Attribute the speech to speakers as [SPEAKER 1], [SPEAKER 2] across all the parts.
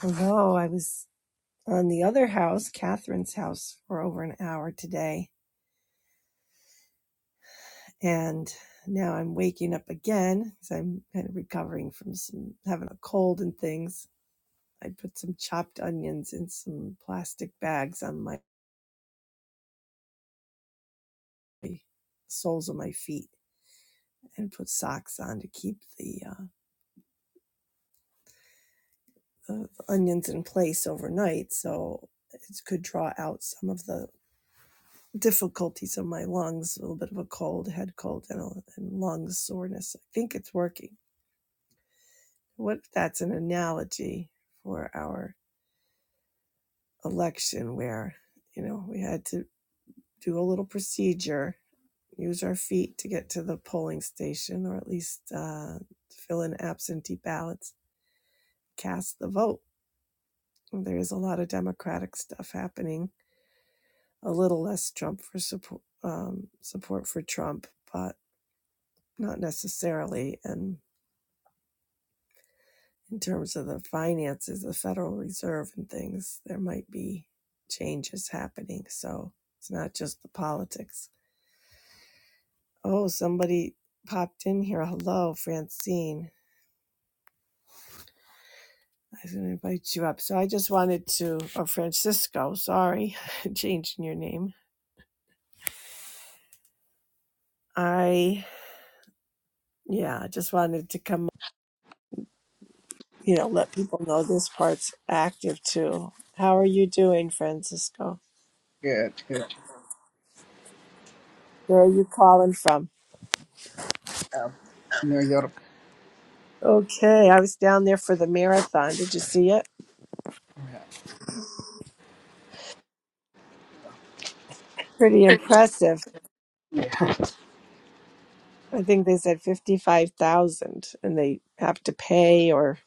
[SPEAKER 1] Hello, I was on the other house, Catherine's house, for over an hour today. And now I'm waking up again because I'm kind of recovering from some having a cold and things. I put some chopped onions in some plastic bags on my soles of my feet and put socks on to keep the, uh, the onions in place overnight so it could draw out some of the difficulties of my lungs, a little bit of a cold, head cold, and, a, and lung soreness. I think it's working. What if that's an analogy for our election where, you know, we had to do a little procedure, use our feet to get to the polling station or at least uh, fill in absentee ballots, cast the vote? There is a lot of Democratic stuff happening, a little less Trump for support, um, support for Trump, but not necessarily. And in terms of the finances, the Federal Reserve and things, there might be changes happening. So it's not just the politics. Oh, somebody popped in here. Hello, Francine. I didn't invite you up. So I just wanted to, or Francisco, sorry, changing your name. I, yeah, I just wanted to come, you know, let people know this part's active too. How are you doing, Francisco?
[SPEAKER 2] Good, good.
[SPEAKER 1] Where are you calling from?
[SPEAKER 2] Um, New York.
[SPEAKER 1] Okay, I was down there for the marathon. Did you see it?
[SPEAKER 2] Yeah.
[SPEAKER 1] Pretty impressive. I think they said 55,000 and they have to pay or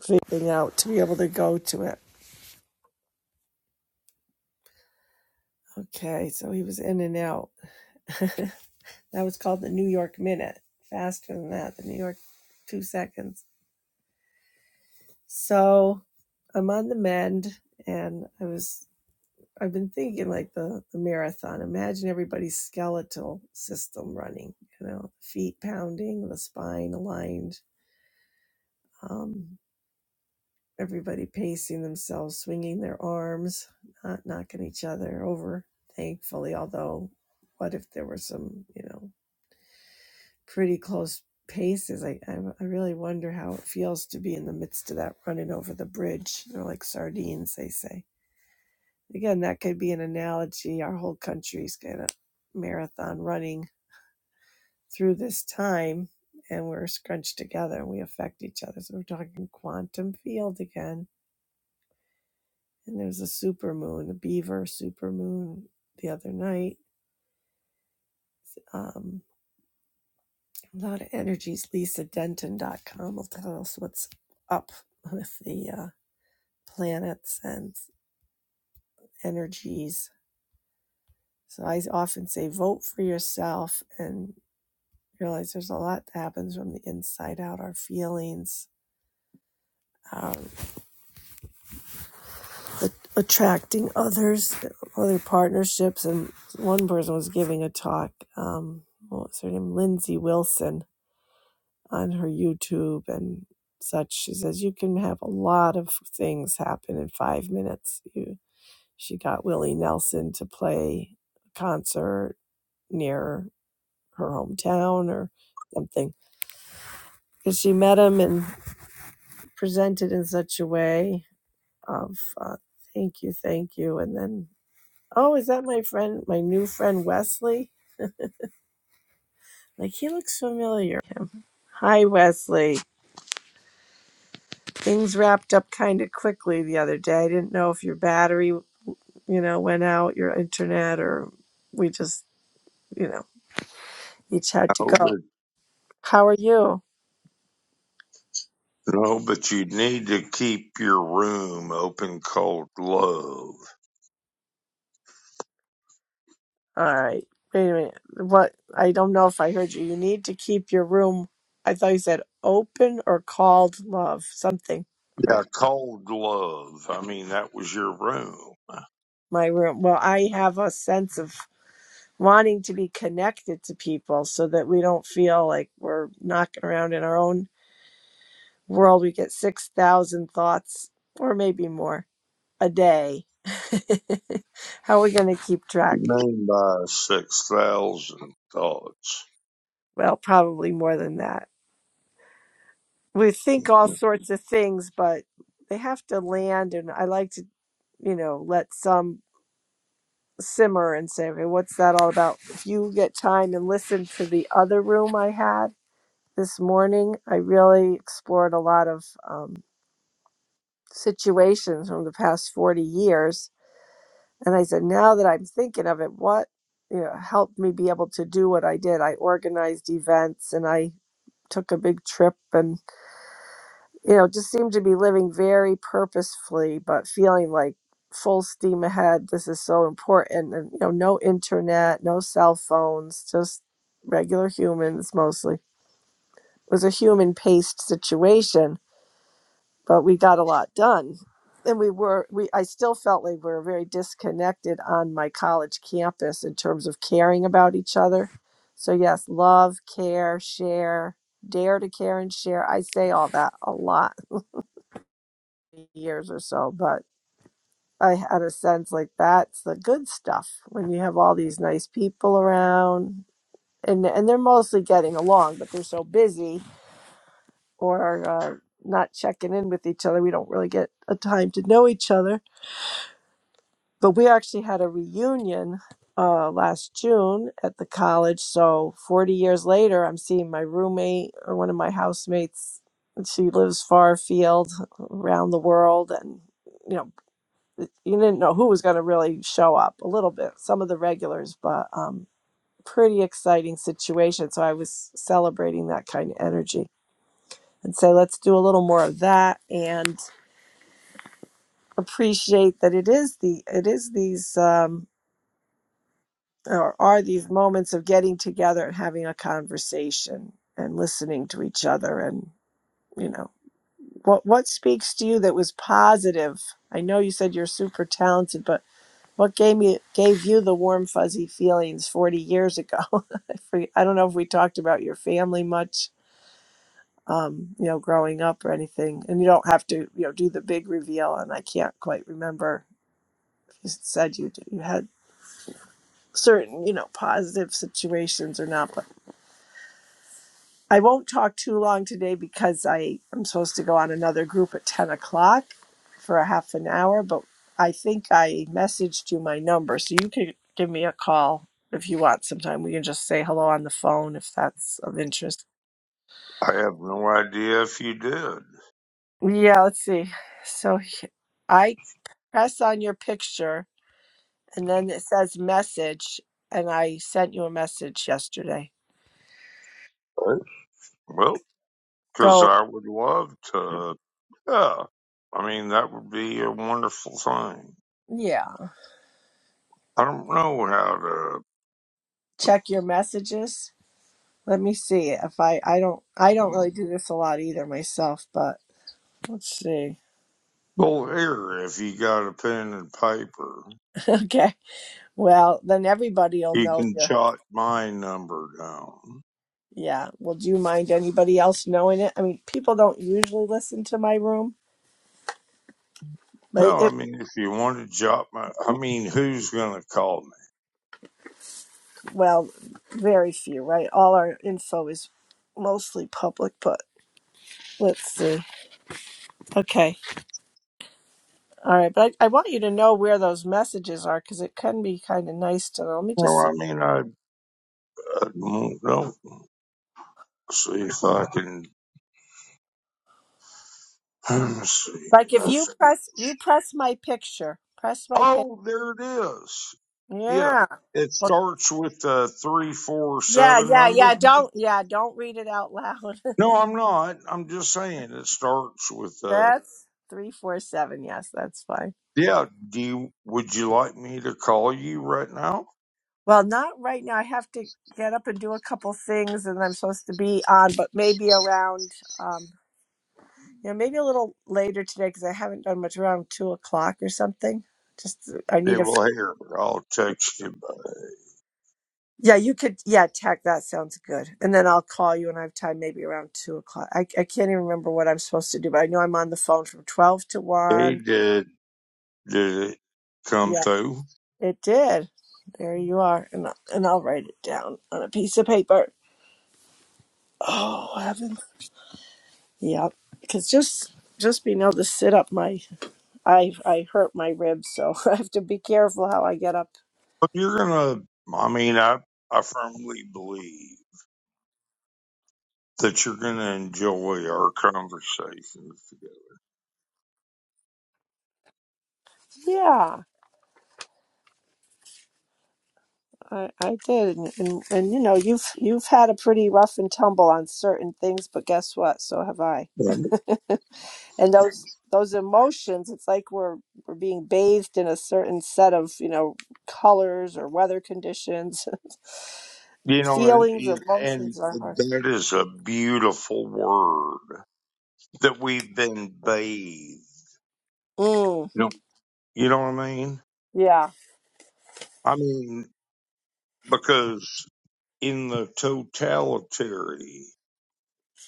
[SPEAKER 1] something out to be able to go to it. Okay, so he was in and out. that was called the New York Minute. Faster than that, the New York two seconds. So I'm on the mend and I was I've been thinking like the the marathon. Imagine everybody's skeletal system running. You know, feet pounding, the spine aligned. Um, everybody pacing themselves, swinging their arms, not knocking each other over. Thankfully, although, what if there were some you know pretty close paces? I I, I really wonder how it feels to be in the midst of that running over the bridge. They're like sardines, they say. Again, that could be an analogy. Our whole country's got a marathon running through this time, and we're scrunched together and we affect each other. So we're talking quantum field again. And there's a supermoon, a beaver supermoon the other night. Um, a lot of energies. Lisa Denton dot com will tell us what's up with the uh, planets and energies. So I often say vote for yourself and. realize there's a lot that happens from the inside out our feelings um, a- attracting others other partnerships and one person was giving a talk um, what was her name lindsay wilson on her youtube and such she says you can have a lot of things happen in five minutes you, she got willie nelson to play a concert near her hometown or something because she met him and presented in such a way of uh, thank you, thank you. And then, oh, is that my friend, my new friend Wesley? Like, he looks familiar. Hi, Wesley. Things wrapped up kind of quickly the other day. I didn't know if your battery, you know, went out, your internet, or we just, you know, each had to
[SPEAKER 3] Oh,
[SPEAKER 1] go.
[SPEAKER 3] but
[SPEAKER 1] How are you?
[SPEAKER 3] oh, but you need to keep your room open cold love.
[SPEAKER 1] All right. Wait a minute. What? I don't know if I heard you. You need to keep your room. I thought you said open or called love, something. Or
[SPEAKER 3] Yeah, cold love. I mean, that was your room.
[SPEAKER 1] my room. Well, I have a sense of wanting to be connected to people so that we don't feel like we're knocking around in our own world. We get 6,000 thoughts or maybe more a day. How are we going to keep
[SPEAKER 3] You
[SPEAKER 1] track?
[SPEAKER 3] mean by six thousand thoughts?
[SPEAKER 1] Well, probably more than that. We think all sorts of things, but they have to land. And I like to, you know, let some simmer and say, okay, what's that all about? If you get time and listen to the other room I had, this morning. I really explored a lot of um, situations from the past 40 years. And I said, now that I'm thinking of it, what you know, helped me be able to do what I did? I organized events and I took a big trip and, you know, just seemed to be living very purposefully, but feeling like full steam ahead. This is so important. And, you know, no internet, no cell phones, just regular humans mostly. It was a human paced situation but we got a lot done and we were we i still felt like we were very disconnected on my college campus in terms of caring about each other so yes love care share dare to care and share i say all that a lot in years or so but i had a sense like that's the good stuff when you have all these nice people around and and they're mostly getting along but they're so busy or uh, not checking in with each other we don't really get a time to know each other but we actually had a reunion uh, last June at the college. So 40 years later, I'm seeing my roommate or one of my housemates. and She lives far afield, around the world, and you know, you didn't know who was going to really show up. A little bit, some of the regulars, but um, pretty exciting situation. So I was celebrating that kind of energy and say, let's do a little more of that and appreciate that it is the it is these. Um, or are these moments of getting together and having a conversation and listening to each other and you know what what speaks to you that was positive i know you said you're super talented but what gave me gave you the warm fuzzy feelings 40 years ago I forget- I don't know if we talked about your family much um, you know growing up or anything and you don't have to you know do the big reveal and i can't quite remember if you said you you had certain you know positive situations or not but. I won't talk too long today because I am supposed to go on another group at 10 o'clock for a half an hour, but I think I messaged you my number, so you can give me a call if you want sometime. We can just say hello on the phone if that's of interest.
[SPEAKER 3] I have no idea if you did.
[SPEAKER 1] Yeah, let's see. So he- I press on your picture and then it says message, and I sent you a message yesterday.
[SPEAKER 3] Well, because
[SPEAKER 1] So,
[SPEAKER 3] I would love to. Yeah, I mean that would be a wonderful thing.
[SPEAKER 1] yeah,
[SPEAKER 3] I don't know how to.
[SPEAKER 1] check your messages. Let me see if I I don't I don't really do this a lot either myself, but let's see.
[SPEAKER 3] Well, here, if you got a pen and paper.
[SPEAKER 1] okay. Well, then everybody'll
[SPEAKER 3] You
[SPEAKER 1] know
[SPEAKER 3] can
[SPEAKER 1] your
[SPEAKER 3] jot my number down.
[SPEAKER 1] yeah. Well, do you mind anybody else knowing it? I mean, people don't usually listen to my room, but
[SPEAKER 3] No, I
[SPEAKER 1] it
[SPEAKER 3] mean, if you want to jot my, I mean, who's going to call
[SPEAKER 1] well, very few, right? All our info is mostly public, but let's see. Okay. All right, but I, I want you to know where those messages are because it can be kind of nice to know. Let me
[SPEAKER 3] me? No,
[SPEAKER 1] just see.
[SPEAKER 3] I mean, I, I don't know. See if I can, let me see.
[SPEAKER 1] Like if you
[SPEAKER 3] This.
[SPEAKER 1] press you press my picture, press my picture.
[SPEAKER 3] Oh, there it is. Yeah.
[SPEAKER 1] Yeah.
[SPEAKER 3] It
[SPEAKER 1] Well,
[SPEAKER 3] starts with the
[SPEAKER 1] yeah,
[SPEAKER 3] 347
[SPEAKER 1] yeah,
[SPEAKER 3] number.
[SPEAKER 1] yeah. Don't yeah, don't read it out loud.
[SPEAKER 3] No, I'm not. I'm just saying it starts with, uh,
[SPEAKER 1] that's three four seven. Yes, that's fine.
[SPEAKER 3] yeah. Do you, would you like me to call you right now?
[SPEAKER 1] Well, not right now. I have to get up and do a couple things, and I'm supposed to be on, but maybe around um, you know, maybe a little later today because I haven't done much around two o'clock or something. Just uh, I
[SPEAKER 3] Yeah,
[SPEAKER 1] need a f-
[SPEAKER 3] well, here, I'll text you back.
[SPEAKER 1] yeah. You could yeah, tech. That sounds good. And then I'll call you when I have time, maybe around two o'clock. I I can't even remember what I'm supposed to do, but I know I'm on the phone from twelve to
[SPEAKER 3] Hey,
[SPEAKER 1] one.
[SPEAKER 3] did. did it
[SPEAKER 1] Yeah.
[SPEAKER 3] come through?
[SPEAKER 1] It did. There you are. And, and I'll write it down on a piece of paper. Oh, heavens. Yep. Because just just being able to sit up my I I hurt my ribs, so I have to be careful how I get up.
[SPEAKER 3] But you're gonna, I mean, I, I firmly believe that you're gonna enjoy our conversations.
[SPEAKER 1] Yeah, I, I did, and, and and you know you've you've had a pretty rough and tumble on certain things, but guess what? So have I.
[SPEAKER 3] together.
[SPEAKER 1] and those those emotions it's like we're we're being bathed in a certain set of you know colors or weather conditions
[SPEAKER 3] You know, and,
[SPEAKER 1] feelings
[SPEAKER 3] and and
[SPEAKER 1] emotions are hard
[SPEAKER 3] that is a beautiful word that we've been bathed.
[SPEAKER 1] mm,
[SPEAKER 3] You know, you know what I mean?
[SPEAKER 1] yeah
[SPEAKER 3] I mean, because in the totality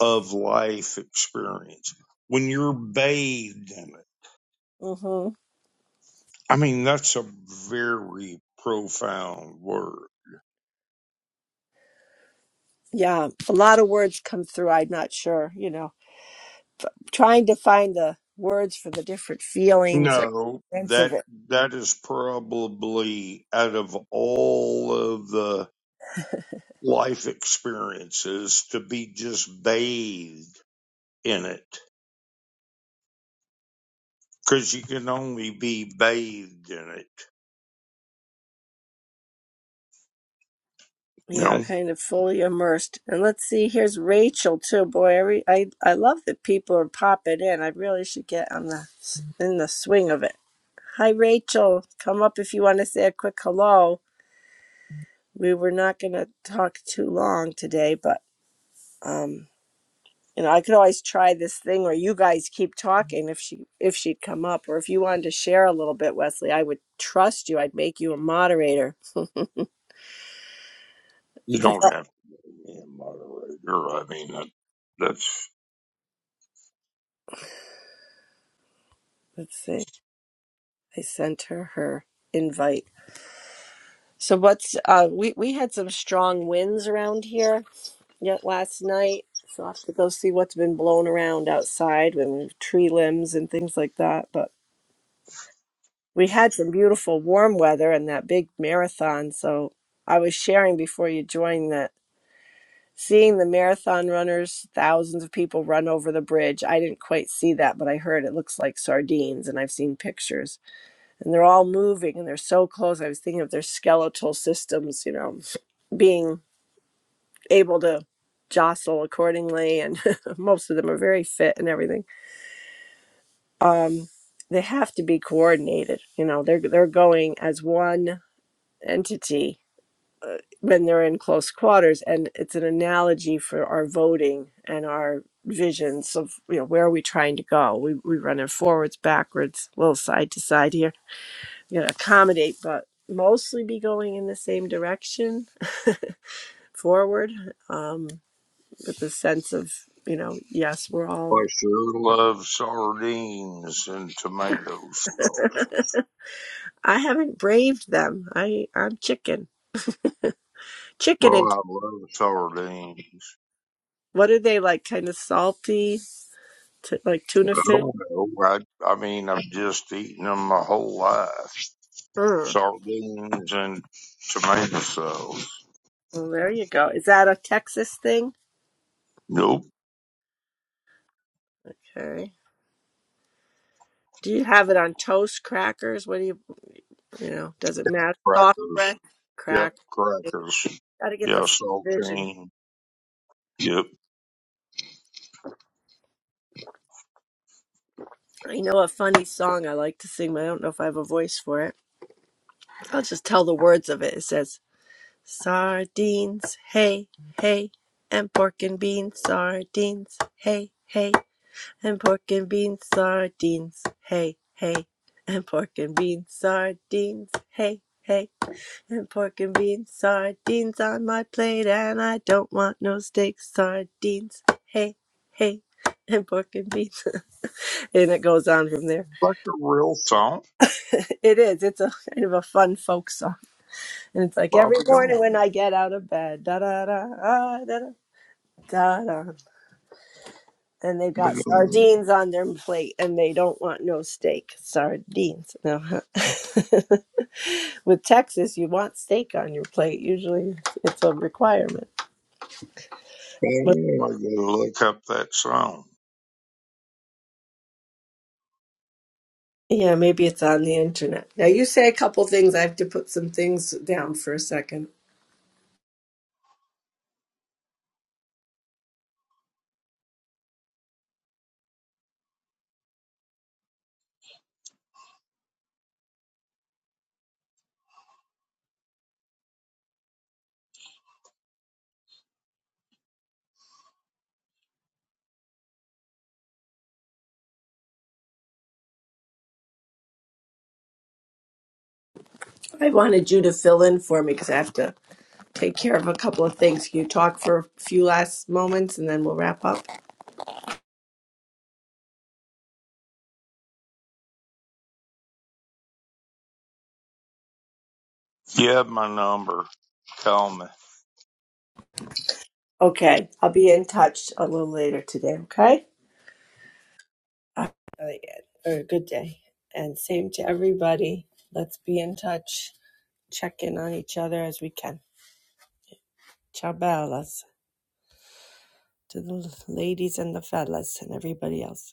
[SPEAKER 3] of life experience, when you're bathed in it.
[SPEAKER 1] hmm
[SPEAKER 3] I mean, that's a very profound word.
[SPEAKER 1] yeah a lot of words come through i'm not sure you know trying to find the words for the different feelings or
[SPEAKER 3] No,
[SPEAKER 1] sense of
[SPEAKER 3] that
[SPEAKER 1] it
[SPEAKER 3] that is probably out of all of the life experiences to be just bathed in it because you can only be bathed in it. You
[SPEAKER 1] Yeah,
[SPEAKER 3] know,
[SPEAKER 1] kind of fully immersed. And let's see, here's Rachel too. Boy, every I I love that people are popping in. I really should get on the in the swing of it. Hi, Rachel. Come up if you want to say a quick hello. We were not going to talk too long today, but um, you know, I could always try this thing where you guys keep talking if she if she'd come up, or if you wanted to share a little bit, Wesley. I would trust you. I'd make you a moderator.
[SPEAKER 3] you
[SPEAKER 1] 'Cause
[SPEAKER 3] don't
[SPEAKER 1] I-
[SPEAKER 3] have to be a moderator. I mean, that, that's
[SPEAKER 1] Let's see. I sent her her invite. So what's uh we we had some strong winds around here yet last night. So I have to go see what's been blown around outside with tree limbs and things like that. But we had some beautiful warm weather and that big marathon. So I was sharing before you joined that seeing the marathon runners, thousands of people run over the bridge. I didn't quite see that, but I heard it looks like sardines and I've seen pictures. And they're all moving and they're so close. I was thinking of their skeletal systems, you know, being able to jostle accordingly and most of them are very fit and everything um they have to be coordinated you know they're they're going as one entity when they're in close quarters and it's an analogy for our voting and our visions of you know where are we trying to go we we run it forwards backwards a little side to side here you know accommodate but mostly be going in the same direction forward Um, with the sense of you know yes we're all
[SPEAKER 3] I sure love sardines and tomato sauce.
[SPEAKER 1] i haven't braved them i i'm chicken chicken and
[SPEAKER 3] Well, I love sardines.
[SPEAKER 1] what are they like kind of salty t- like tuna fish
[SPEAKER 3] Oh, no, I, I mean, I've just eaten them my whole life.
[SPEAKER 1] mm.
[SPEAKER 3] Sardines and tomato sauce.
[SPEAKER 1] well there you go is that a texas thing
[SPEAKER 3] Nope.
[SPEAKER 1] okay do you have it on toast crackers what do you you know does it matter soft
[SPEAKER 3] Crackers.
[SPEAKER 1] bread
[SPEAKER 3] Yep.
[SPEAKER 1] crack You
[SPEAKER 3] Crackers.
[SPEAKER 1] gotta get the
[SPEAKER 3] Yeah.
[SPEAKER 1] full vision
[SPEAKER 3] Saltine. Yep.
[SPEAKER 1] i know a funny song i like to sing but i don't know if i have a voice for it i'll just tell the words of it it says Sardines, hey, hey, and pork and beans, sardines, hey, hey, and pork and beans, sardines, hey, hey, and pork and beans, sardines, hey, hey, and pork and beans, sardines on my plate, and I don't want no steaks, sardines, hey, hey, and pork and beans. and it goes on from there.
[SPEAKER 3] Like a real song.
[SPEAKER 1] it is, it's a kind of a fun folk song. And it's like every
[SPEAKER 3] Bobby
[SPEAKER 1] morning
[SPEAKER 3] Dawn.
[SPEAKER 1] when I get out of bed, da da da ah, da da da da. And they've got
[SPEAKER 3] Bobby Dawn.
[SPEAKER 1] sardines on their plate, and they don't want no steak. Sardines. No. With Texas, you want steak on your plate. Usually, it's a requirement. But
[SPEAKER 3] Oh, I gotta look up that song.
[SPEAKER 1] yeah, maybe it's on the internet. Now you say a couple things. I have to put some things down for a second. I wanted you to fill in for me because I have to take care of a couple of things. Can you talk for a few last moments, and then we'll wrap up?
[SPEAKER 3] You have my number. Call me.
[SPEAKER 1] Okay. I'll be in touch a little later today, okay? Uh, Really good. Or a good day. And same to everybody. Let's be in touch. Check in on each other as we can. Ciao bellas to the ladies and the fellas and everybody else.